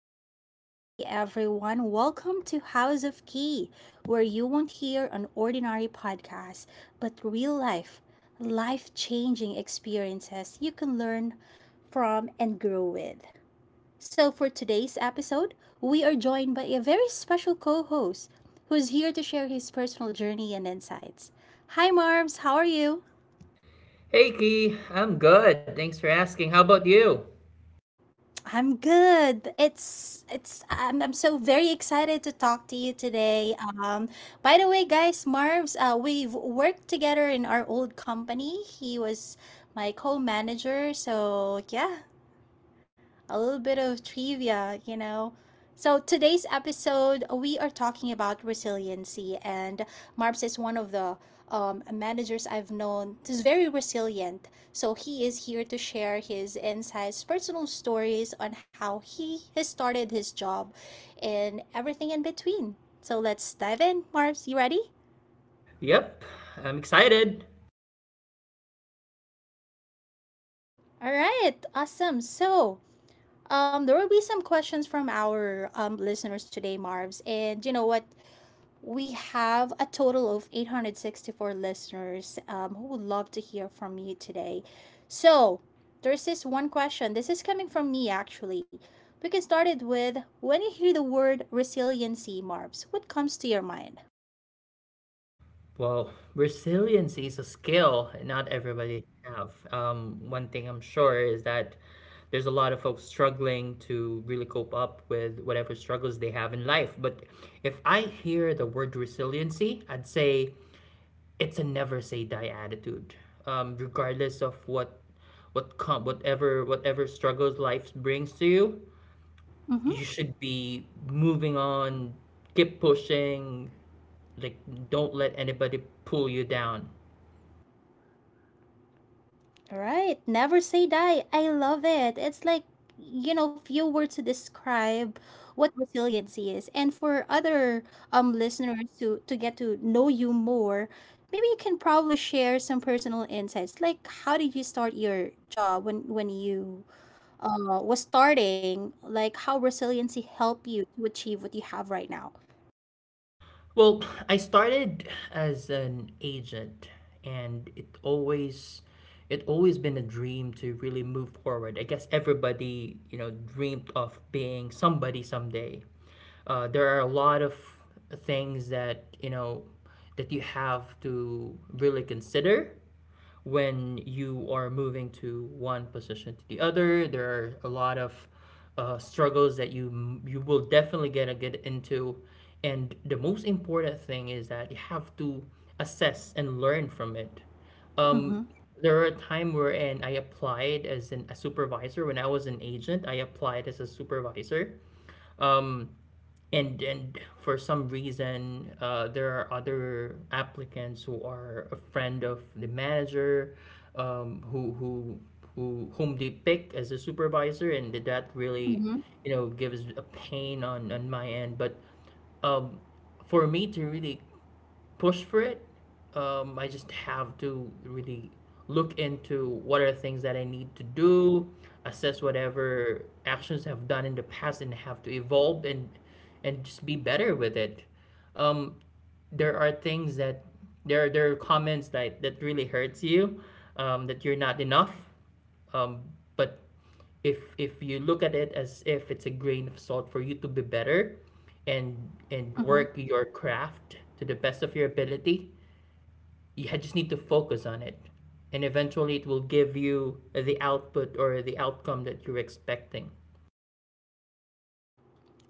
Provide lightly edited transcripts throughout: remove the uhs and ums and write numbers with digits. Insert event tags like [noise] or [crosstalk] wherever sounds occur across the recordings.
right. Hey, everyone. Welcome to House of Key, where you won't hear an ordinary podcast, but real life, life changing experiences you can learn from and grow with. So, for today's episode, we are joined by a very special co host who's here to share his personal journey and insights. Hi, Marms. How are you? Hey Key, I'm good. Thanks for asking. How about you? I'm good. I'm so very excited to talk to you today. By the way, guys, Marv's we've worked together in our old company. He was my co-manager, so yeah, a little bit of trivia, you know. So, today's episode, we are talking about resiliency, and Marps is one of the managers I've known who's very resilient. So, he is here to share his insights, personal stories on how he has started his job and everything in between. So, let's dive in. Marps, you ready? Yep, I'm excited. All right, awesome. So, there will be some questions from our listeners today, Marvs. And you know what? We have a total of 864 listeners who would love to hear from you today. So, there's this one question. This is coming from me actually. We can start it with when you hear the word resiliency, Marbs, what comes to your mind? Well, resiliency is a skill not everybody have. One thing I'm sure is that there's a lot of folks struggling to really cope up with whatever struggles they have in life. But if I hear the word resiliency, I'd say it's a never say die attitude. Regardless of whatever struggles life brings to you, Mm-hmm. you should be moving on, keep pushing, like don't let anybody pull you down. Right. Never say die. I love it. It's like, few words to describe what resiliency is. And for other listeners to get to know you more, maybe you can probably share some personal insights. Like how did you start your job when you was starting? Like how resiliency helped you to achieve what you have right now. Well, I started as an agent and it always been a dream to really move forward. I guess everybody, you know, dreamed of being somebody someday. There are a lot of things that, you know, that you have to really consider when you are moving to one position to the other. There are a lot of struggles that you will definitely gonna get into, and the most important thing is that you have to assess and learn from it. Um, Mhm. there were a time wherein I applied as a supervisor when I was an agent. I applied as a supervisor. Um, and for some reason there are other applicants who are a friend of the manager, um, who who whom they pick as a supervisor, and that really, Mhm. you know, gives a pain on my end. But um, for me to really push for it, I just have to really look into what are the things that I need to do, assess whatever actions I've done in the past, and have to evolve and just be better with it. Um, there are things that there are comments that that really hurts you, that you're not enough, um, but if you look at it as if it's a grain of salt for you to be better and Mhm. work your craft to the best of your ability, you just need to focus on it, and eventually it will give you the output or the outcome that you're expecting.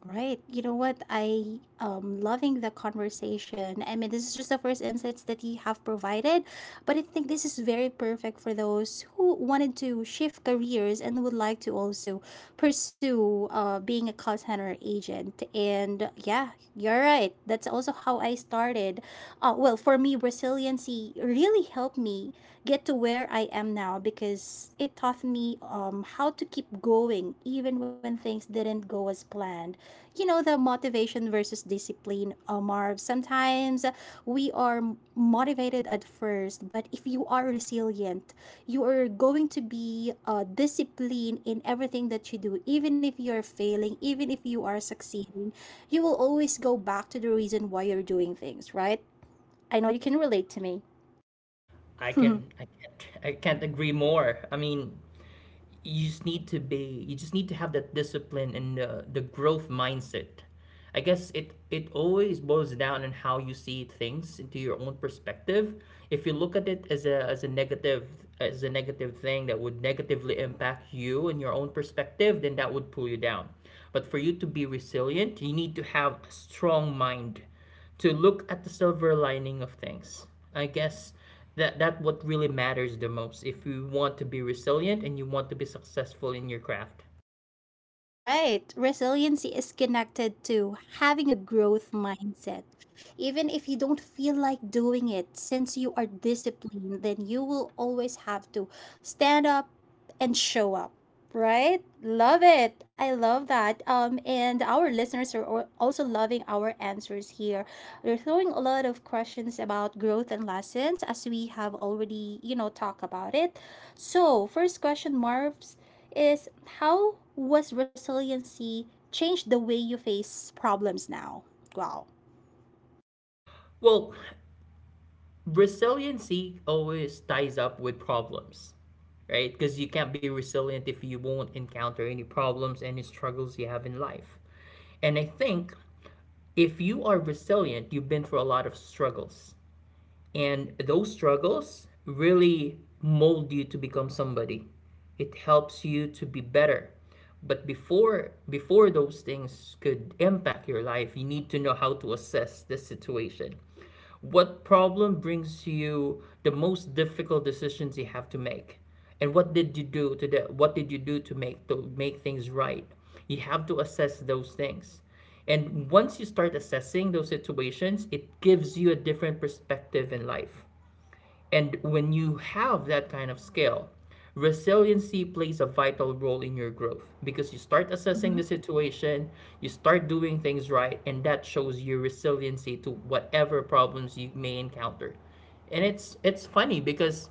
Right. You know what? I loving the conversation. I mean, this is just the first insights that you have provided, but I think this is very perfect for those who wanted to shift careers and would like to also pursue being a call center agent. And yeah, you're right. That's also how I started. Well, for me, resiliency really helped me get to where I am now because it taught me how to keep going even when things didn't go as planned. You know, the motivation versus discipline, Marv. Sometimes we are motivated at first, but if you are resilient, you are going to be disciplined in everything that you do. Even if you're failing, even if you are succeeding, you will always go back to the reason why you're doing things, right? I know you can relate to me. [laughs] I can't agree more. I mean, you just need to have that discipline and the growth mindset. I guess it always boils down on how you see things into your own perspective. If you look at it as a negative, as a negative thing that would negatively impact you and your own perspective, then that would pull you down. But for you to be resilient, you need to have a strong mind to look at the silver lining of things. I guess that what really matters the most if you want to be resilient and you want to be successful in your craft. Right. Resiliency is connected to having a growth mindset. Even if you don't feel like doing it, since you are disciplined, then you will always have to stand up and show up. Right? Love it. I love that. And our listeners are also loving our answers here. They're throwing a lot of questions about growth and lessons as we have already, you know, talked about it. So, first question, Marv's, is how was resiliency changed the way you face problems now? Wow. Well, resiliency always ties up with problems, right? Because you can't be resilient if you won't encounter any problems, any struggles you have in life. And I think if you are resilient, you've been through a lot of struggles. And those struggles really mold you to become somebody. It helps you to be better. But before those things could impact your life, you need to know how to assess the situation. What problem brings you the most difficult decisions you have to make? And what did you do to that? What did you do to make things right? You have to assess those things. And once you start assessing those situations, it gives you a different perspective in life. And when you have that kind of scale, resiliency plays a vital role in your growth, because you start Hmm. assessing the situation, you start doing things right, and that shows your resiliency to whatever problems you may encounter. And it's funny because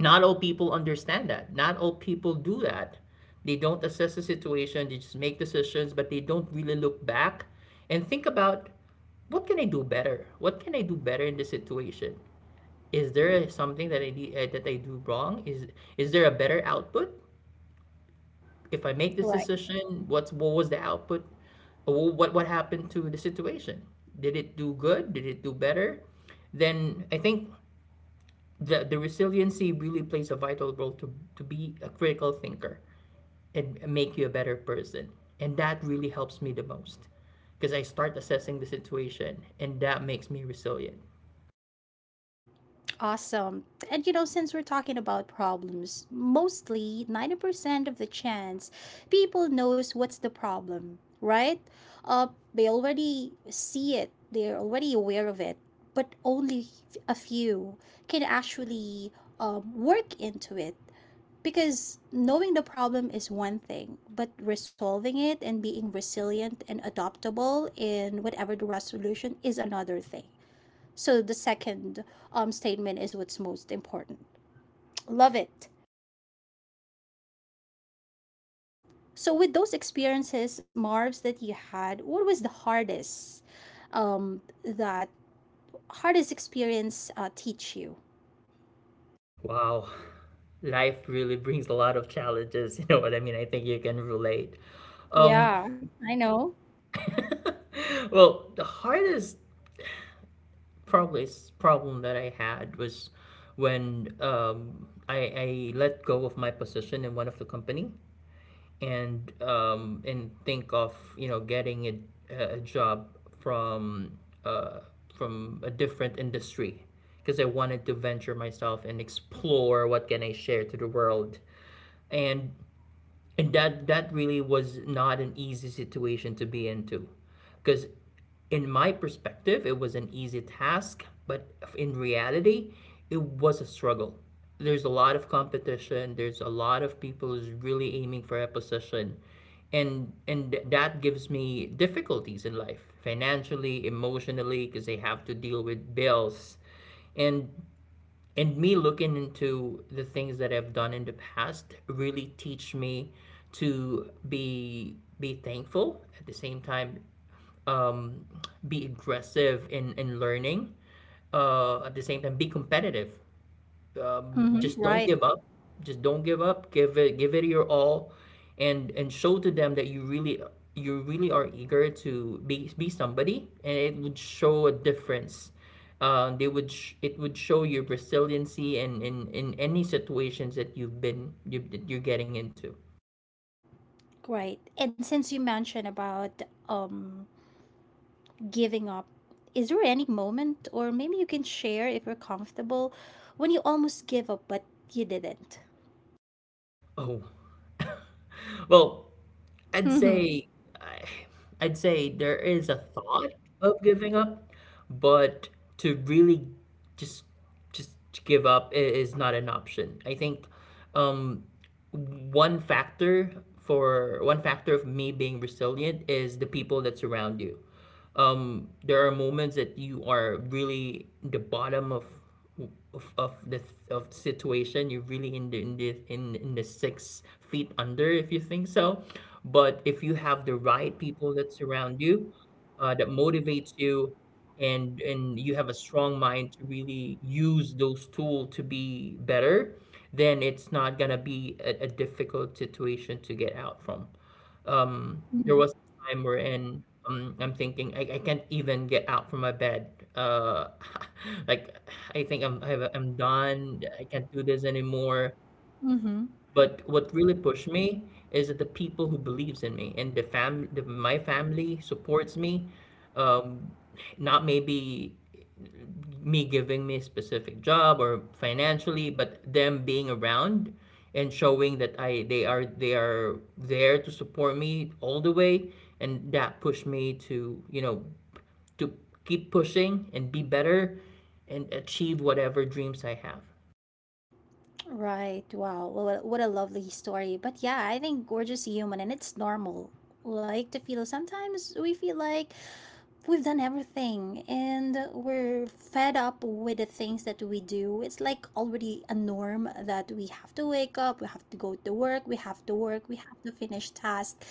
not all people understand that. Not all people do that. They don't assess the situation, they just make decisions, but they don't really look back and think about, what can I do better? What can I do better in this situation? Is there something that that I do wrong? Is there a better output? If I make this decision, what was the output? Or what happened to the situation? Did it do good? Did it do better? Then I think the resiliency really plays a vital role to be a critical thinker and make you a better person. And that really helps me the most, because I start assessing the situation and that makes me resilient. Awesome. And you know, since we're talking about problems, mostly 90% of the chance people knows what's the problem, right? Uh, they already see it. They're already aware of it, but only a few can actually work into it. Because knowing the problem is one thing, but resolving it and being resilient and adaptable in whatever the resolution is another thing. So the second statement is what's most important. Love it. So with those experiences, Marv's, that you had, what was the hardest that hardest experience teach you? Wow. Life really brings a lot of challenges. [laughs] You know what I mean? I think you can relate. Um, Yeah, I know. well, the hardest problem that I had was when I let go of my position in one of the company, and think of, you know, getting a job from uh, from a different industry, because I wanted to venture myself and explore what can I share to the world. And that really was not an easy situation to be into, because in my perspective it was an easy task, but in reality it was a struggle. There's a lot of competition, there's a lot of people who's really aiming for a position, and that gives me difficulties in life, financially, emotionally, because they have to deal with bills. And me looking into the things that I've done in the past really teach me to be thankful. At the same time, um, be aggressive in learning. At the same time, be competitive. Hmm. Just don't Right, give up. Just don't give up. Give it your all, and show to them that you really, you really are eager to be somebody, and it would show a difference. It would show your resiliency and in any situations that you've been you that you're getting into. right. And since you mentioned about um, giving up, is there any moment, or maybe you can share if you're comfortable, when you almost give up but you didn't? Oh. Well, I'd Mm-hmm. say, I I'd say there is a thought of giving up, but to really just just to give up is not an option. I think, um, one factor, of me being resilient is the people that surround you. Um, there are moments that you are really the bottom of, of the, of the situation. You're really in the in the six feet under, if you think so. But if you have the right people that surround you, that motivates you, and you have a strong mind to really use those tools to be better, then it's not gonna be a difficult situation to get out from. There Mm-hmm. was time we're in, I'm thinking I can't even get out from my bed. Uh, [laughs] like, I think I'm done. I can't do this anymore. Mm-hmm. But what really pushed me is that the people who believes in me and my family supports me. Um, Not maybe me a specific job or financially, but them being around and showing that I they are, they are there to support me all the way, and that pushed me to, you know, to keep pushing and be better and achieve whatever dreams I have. Right. Wow. Well, what a lovely story. But yeah, I think gorgeous human and it's normal. Like to feel sometimes we feel like we've done everything and we're fed up with the things that we do. It's like already a norm that we have to wake up, we have to go to work, we have to work, we have to finish tasks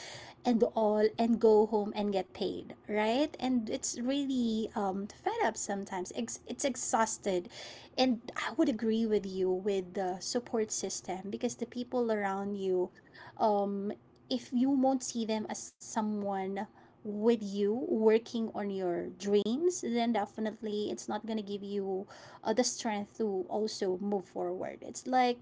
and all and go home and get paid, right? And it's really fed up sometimes. It's exhausted. And I would agree with you with the support system because the people around you, um, if you won't see them as someone with you working on your dreams, then definitely it's not going to give you the strength to also move forward. It's like,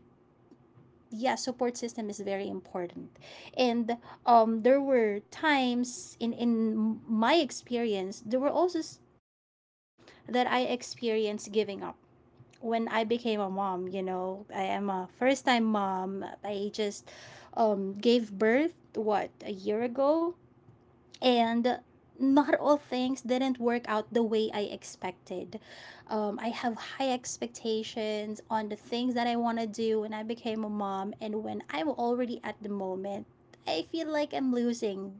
yeah, support system is very important. And there were times in my experience. There were also s- that I experienced giving up when I became a mom. You know, I am a first time mom. I just gave birth what a year ago. And not all things didn't work out the way I expected. I have high expectations on the things that I want to do when I became a mom, and when I'm already at the moment, I feel like I'm losing.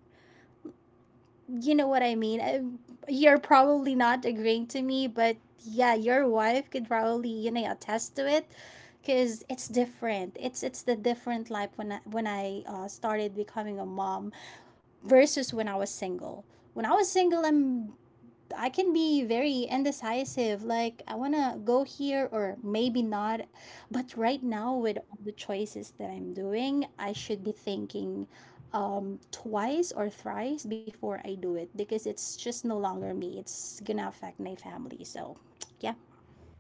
You know what I mean? I, you're probably not agreeing to me, but yeah, your wife could probably, you know, attest to it, because it's different. It's the different life when I started becoming a mom versus when I was single. When I was single, I'm I can be very indecisive. Like I wanna go here or maybe not. But right now, with all the choices that I'm doing, I should be thinking twice or thrice before I do it because it's just no longer me. It's gonna affect my family. So yeah.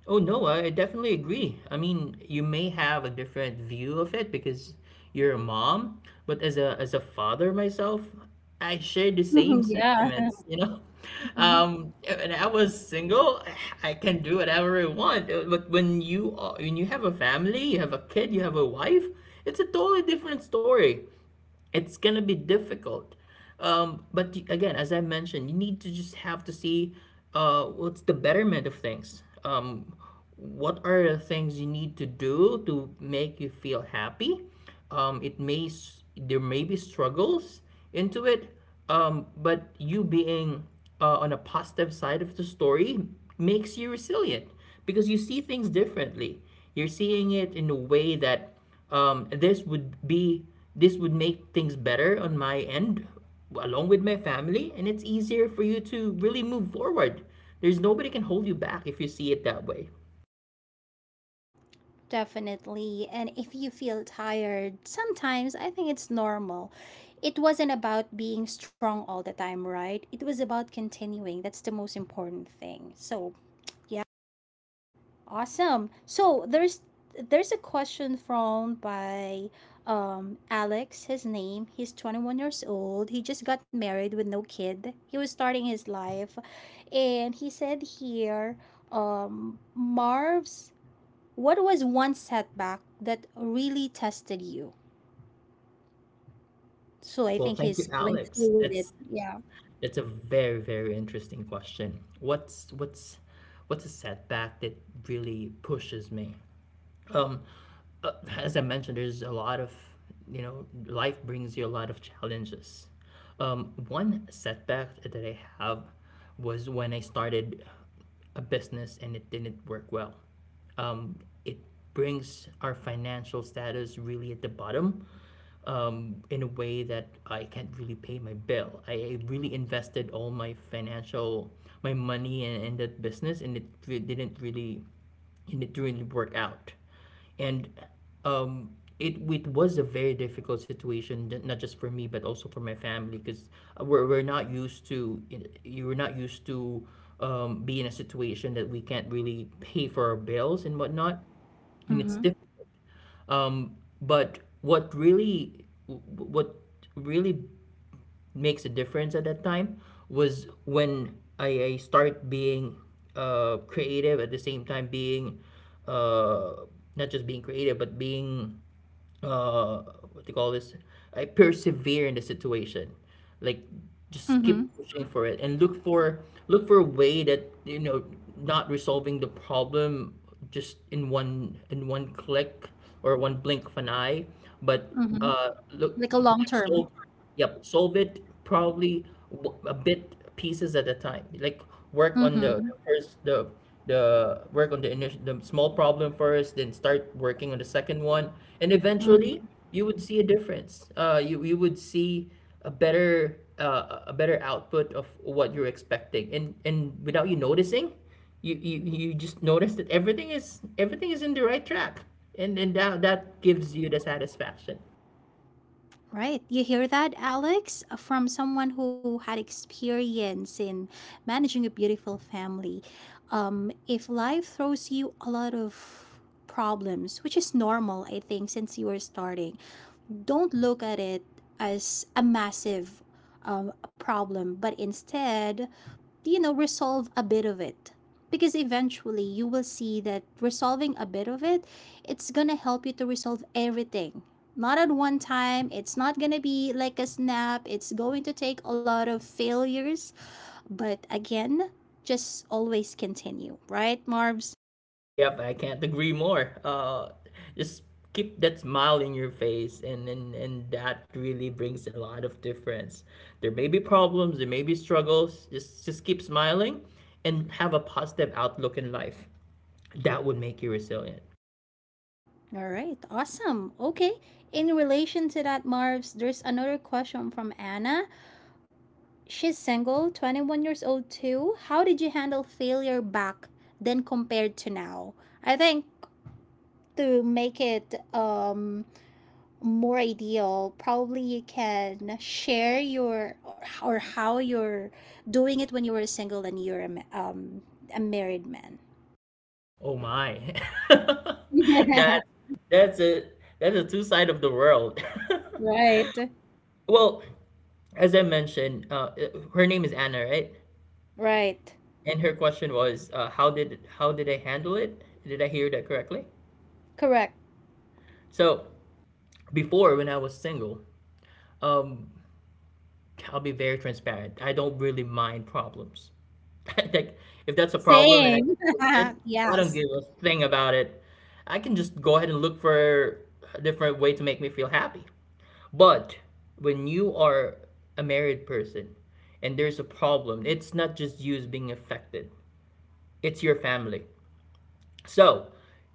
Oh no, I definitely agree. I mean, you may have a different view of it because you're a mom, but as a father myself, I share the same [laughs] Yeah. sentiments, you know. [laughs] [laughs] When I was single, I can do whatever I want. But when you are, when you have a family, you have a kid, you have a wife, it's a totally different story, it's gonna be difficult. But again, as I mentioned, you need to just have to see what's the betterment of things. What are the things you need to do to make you feel happy? There may be struggles into it, but you being on a positive side of the story makes you resilient, because you see things differently. You're seeing it in a way that, um, this would be this would make things better on my end along with my family, and it's easier for you to really move forward. There's nobody can hold you back if you see it that way. Definitely. And if you feel tired, sometimes I think it's normal. It wasn't about being strong all the time, right? It was about continuing. That's the most important thing. So, yeah, awesome. So, there's a question from by Alex, his name. He's 21 years old. He just got married with no kid. He was starting his life and he said here, Marv's, what was one setback that really tested you? So I Well, think thank you, he's going Alex. through with it. That's Yeah. A very interesting question. What's a setback that really pushes me? uh, as I mentioned, there's a lot of, you know, life brings you a lot of challenges. One setback that I have was when I started a business and it didn't work well. Um, it brings our financial status really at the bottom, in a way that I can't really pay my bill. I really invested all my financial, my money in that business, and it re- didn't really, and it didn't really work out. And It was a very difficult situation, not just for me but also for my family, because we're not used to you were not used to be in a situation that we can't really pay for our bills and whatnot, and it's Mm-hmm. difficult. But what really makes a difference at that time was when I start being creative, at the same time being uh, not just being creative but being uh what do you call this, I persevere in the situation, like just Mm-hmm. keep pushing for it and look for look for a way that, you know, not resolving the problem just in one click or one blink of an eye, but Mm-hmm. Look, Like a long like, term. solve. Yep, solve it probably a bit pieces at a time. Like work on Mm-hmm. the first the work on the initial, the small problem first, then start working on the second one, and Mm-hmm. eventually you would see a difference. You would see a better output of what you're expecting, and without you noticing, you just notice that everything is in the right track, and that gives you the satisfaction. Right. You hear that, Alex? From someone who had experience in managing a beautiful family. If life throws you a lot of problems, which is normal, I think, since you were starting, don't look at it as a massive problem, but instead, you know, resolve a bit of it. Because eventually you will see that resolving a bit of it, it's gonna help you to resolve everything. Not at one time, it's not gonna be like a snap, it's going to take a lot of failures. But again, just always continue, right, Marvs? Yep, I can't agree more. Just keep that smile in your face, and, and that really brings a lot of difference. There may be problems, there may be struggles. Just keep smiling, and have a positive outlook in life. That would make you resilient. All right, awesome. Okay, in relation to that, Marvs, there's another question from Anna. She's single, 21 years old too. How did you handle failure back then compared to now? I think to make it more ideal, probably you can share your or how you're doing it when you were single and you're a, a married man. Oh my, [laughs] that [laughs] that's a that's a two side of the world. [laughs] Right, Well, as I mentioned, her name is Anna, right? right, And her question was, how did I handle it? Did I hear that correctly? correct. So before, when I was single, um, I'll be very transparent. I don't really mind problems. [laughs] Like if that's a problem and I Same. can fix it, [laughs] I don't Yes. give a thing about it. I can just go ahead and look for a different way to make me feel happy. But when you are a married person and there's a problem, it's not just you being affected. It's your family. So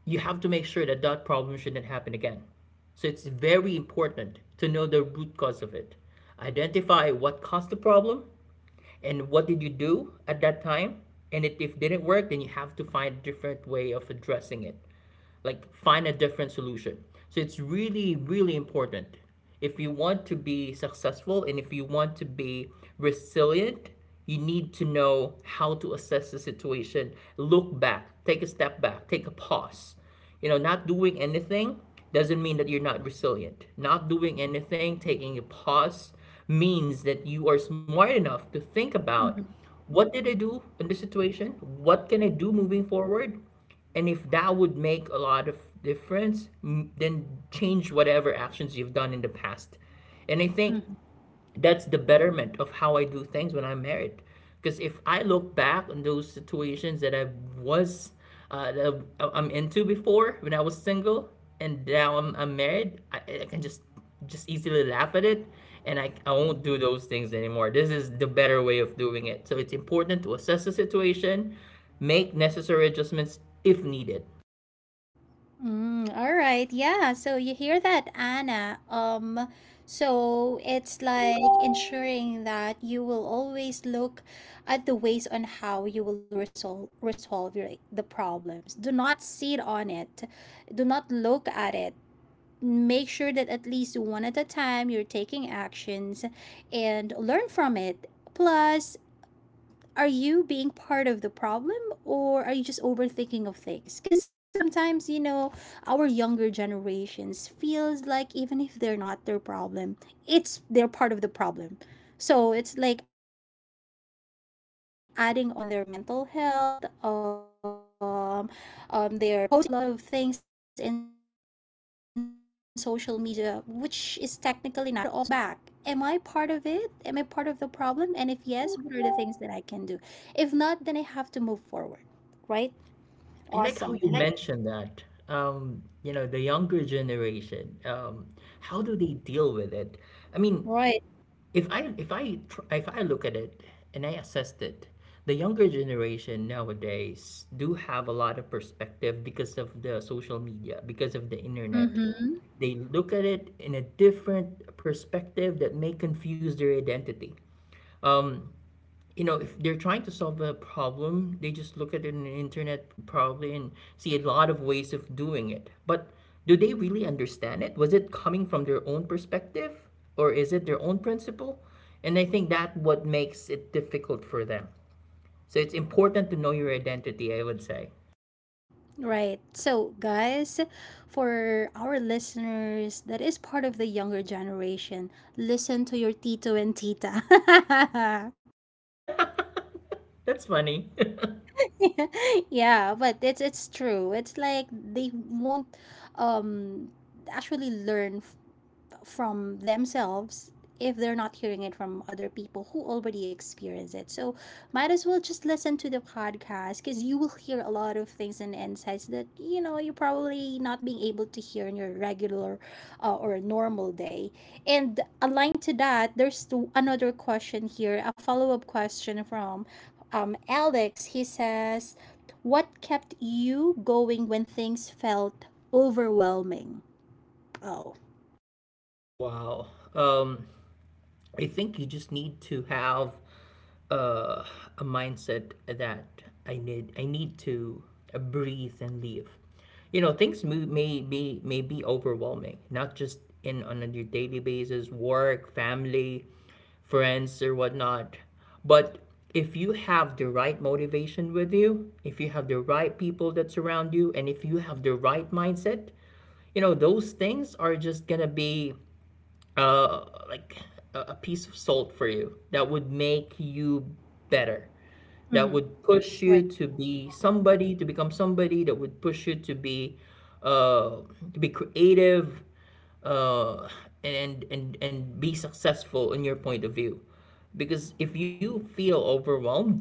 you have to make sure that that problem shouldn't happen again. So it's very important to know the root cause of it. Identify what caused the problem and what did you do at that time. And if it didn't work, then you have to find a different way of addressing it, like find a different solution. So it's really really important, if you want to be successful and if you want to be resilient, you need to know how to assess the situation. Look back, take a step back, take a pause. You know, not doing anything doesn't mean that you're not resilient. Not doing anything, taking a pause, means that you are smart enough to think about what did I do in this situation, what can I do moving forward, and if that would make a lot of difference, then change whatever actions you've done in the past. And I think Mhm. that's the betterment of how I do things when I'm married. Because if I look back on those situations that I was, am into before when I was single, and now I'm married, I can just easily laugh at it, and I won't do those things anymore. This is the better way of doing it. So it's important to assess the situation, make necessary adjustments if needed. Mm, all right. Yeah. So you hear that, Anna. So it's like ensuring that you will always look at the ways on how you will resolve your, the problems. Do not sit on it. Do not look at it. Make sure that at least one at a time you're taking actions and learn from it. Plus, are you being part of the problem or are you just overthinking of things? Because sometimes, you know, our younger generations feels like even if they're not their problem, it's they're part of the problem. So it's like adding on their mental health. They're posting a lot of things in social media, which is technically not helping them at all. So might as well think, look back. Am I part of it? Am I part of the problem? And if yes, what are the things that I can do? If not, then I have to move forward. Right? I like how Awesome. you And I mentioned that. You know, the younger generation, how do they deal with it? I mean, right. If I look at it and I assessed it, the younger generation nowadays do have a lot of perspective because of the social media, because of the internet. Mm-hmm. They look at it in a different perspective that may confuse their identity. You know, if they're trying to solve a problem, they just look at it in the internet probably and see a lot of ways of doing it. But do they really understand it? Was it coming from their own perspective, or is it their own principle? And I think that what makes it difficult for them. So it's important to know your identity, I would say. Right. So, guys, for our listeners that is part of the younger generation, listen to your tito and tita. [laughs] That's funny. [laughs] Yeah, but it's true. It's like they won't um actually learn from themselves if they're not hearing it from other people who already experience it. So might as well just listen to the podcast because you will hear a lot of things and insights that, you know, you're probably not being able to hear in your regular or normal day. And aligned to that, there's another question here, a follow up question from Alex. He says, "What kept you going when things felt overwhelming?" Oh, Wow. Um, I think you just need to have uh, a mindset that I need to breathe and live. You know, things may, may be overwhelming, not just in on your daily basis, work, family, friends, or whatnot. But if you have the right motivation with you, if you have the right people that surround you, and if you have the right mindset, you know those things are just gonna be like a piece of salt for you that would make you mm-hmm. better, that Right. would push you to be somebody, to become somebody, that would push you uh, to be creative, uh, and be successful in your point of view. Because if you feel overwhelmed,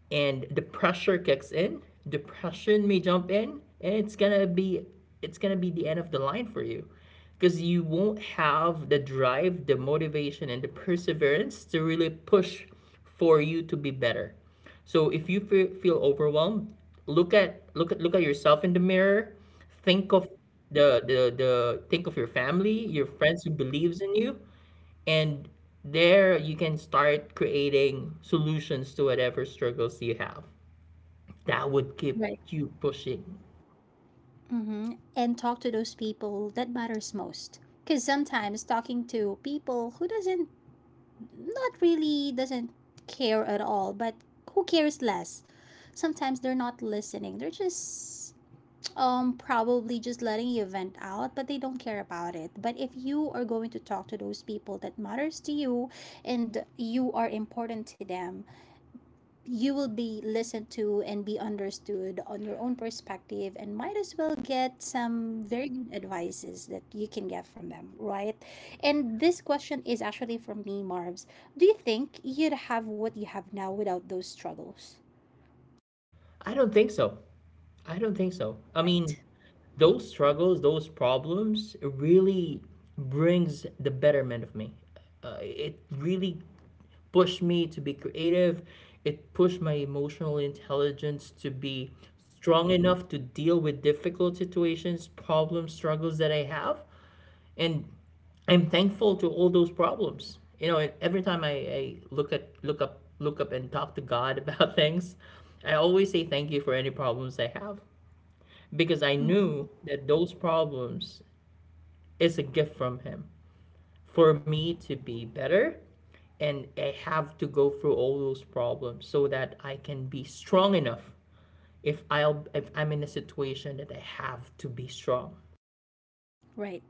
and the pressure kicks in, depression may jump in, and it's gonna be the end of the line for you, because you won't have the drive, the motivation, and the perseverance to really push for you to be better. So if you feel overwhelmed, look at yourself in the mirror, think of the think of your family, your friends who believes in you, and there you can start creating solutions to whatever struggles you have. That would keep Right. you pushing. Mm-hmm. And talk to those people that matters most. Because sometimes talking to people who doesn't, not really doesn't care at all, but who cares less. Sometimes they're not listening. They're just probably just letting you vent out, but they don't care about it. But if you are going to talk to those people that matters to you and you are important to them, you will be listened to and be understood on your own perspective, and might as well get some very good advices that you can get from them, right? And this question is actually from me, Marv's, do you think you'd have what you have now without those struggles? I don't think so. I don't think so. I mean, Right. those struggles, those problems really brings the betterment of me. It really pushed me to be creative. It pushed my emotional intelligence to be strong enough to deal with difficult situations, problems, struggles that I have. And I'm thankful to all those problems. You know, and every time I look up and talk to God [laughs] about things, I always say thank you for any problems I have, because I knew that those problems is a gift from Him for me to be better, and I have to go through all those problems so that I can be strong enough, if I'm in a situation that I have to be strong. Right,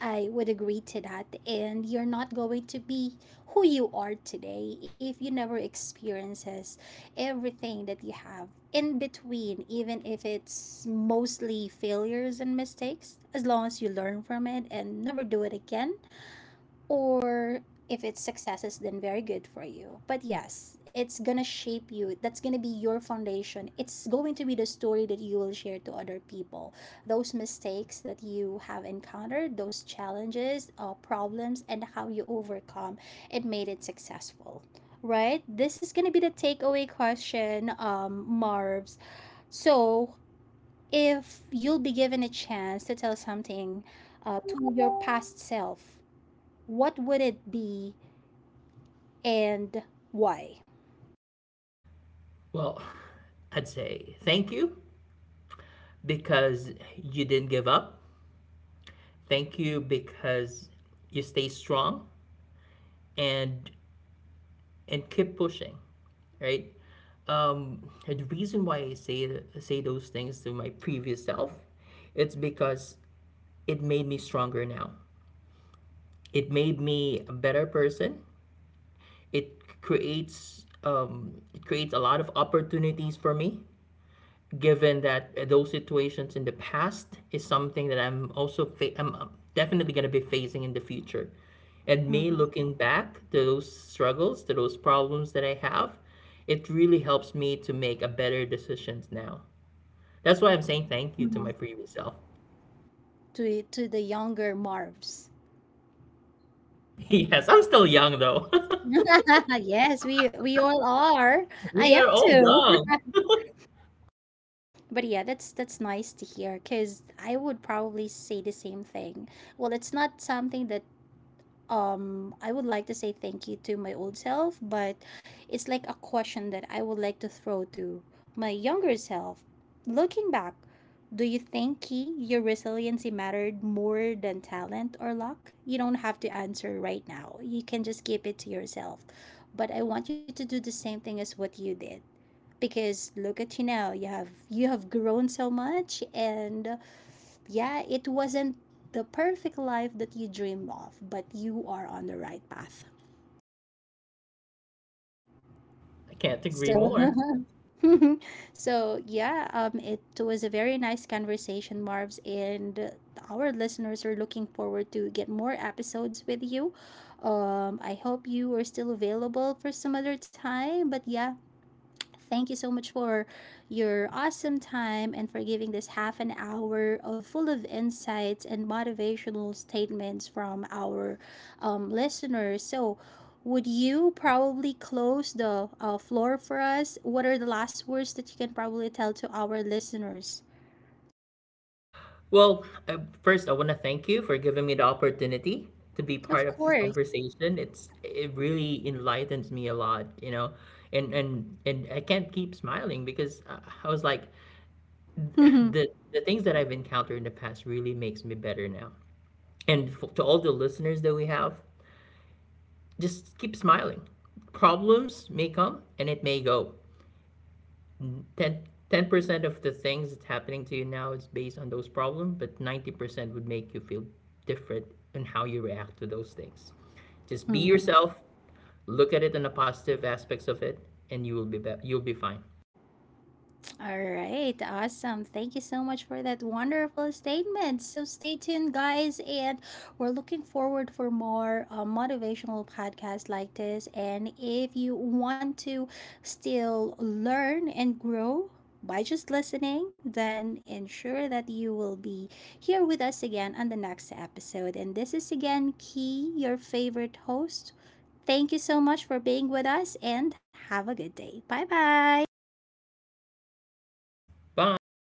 I would agree to that. And you're not going to be who you are today if you never experiences everything that you have in between, even if it's mostly failures and mistakes, as long as you learn from it and never do it again. Or if it's successes, then very good for you. But yes, it's gonna shape you, that's gonna be your foundation, it's going to be the story that you will share to other people. Those mistakes that you have encountered, those challenges, problems, and how you overcome it made it successful, right? This is gonna be the takeaway question, Marv's. So, if you'll be given a chance to tell something to your past self, what would it be, and why? Well, [sighs] I'd say thank you because you didn't give up. Thank you because you stay strong and and keep pushing, right? And the reason why I say those things to my previous self, it's because it made me stronger now. It made me a better person. It creates a lot of opportunities for me, given that those situations in the past is something that I'm also fa- I'm definitely going to be facing in the future. And me Mm-hmm. looking back to those struggles, to those problems that I have, it really helps me to make a better decisions now. That's why I'm saying thank you to Mm-hmm. my previous self. [laughs] To the younger Marvs? Yes, I'm still young though. [laughs] yes, we all are. [laughs] I We am are all too. young. [laughs] But yeah, that's nice to hear, because I would probably say the same thing. Well, it's not something that I would like to say thank you to my old self, but it's like a question that I would like to throw to my younger self. Looking back, do you think, Key, your resiliency mattered more than talent or luck? You don't have to answer right now. You can just keep it to yourself. But I want you to do the same thing as what you did, because look at you now. You have grown so much. And yeah, it wasn't the perfect life that you dreamed of, but you are on the right path. I can't agree So, more. [laughs] so yeah, it was a very nice conversation, Marv's, and our listeners are looking forward to get more episodes with you. I hope you are still available for some other time, but yeah, thank you so much for your awesome time, and for giving this half an hour of full of insights and motivational statements from our listeners. So, would you probably close the floor for us? What are the last words that you can probably tell to our listeners? Well, first, I want to thank you for giving me the opportunity to be Of part of this course. [laughs] conversation. It's it really enlightens me a lot, you know, and I can't keep smiling because I was like Mhm. the things that I've encountered in the past really makes me better now. And f to all the listeners that we have, just keep smiling. Problems may come and it may go, 10% of the things that's happening to you now is based on those problems, but 90% would make you feel different in how you react to those things. Just be Mhm. yourself, look at it in the positive aspects of it, and you you'll be fine. All right, awesome. Thank you so much for that wonderful statement. So stay tuned, guys, and we're looking forward for more motivational podcasts like this. And if you want to still learn and grow by just listening, then ensure that you will be here with us again on the next episode. And this is again Key, your favorite host. Thank you so much for being with us, and have a good day. Bye bye. Bye.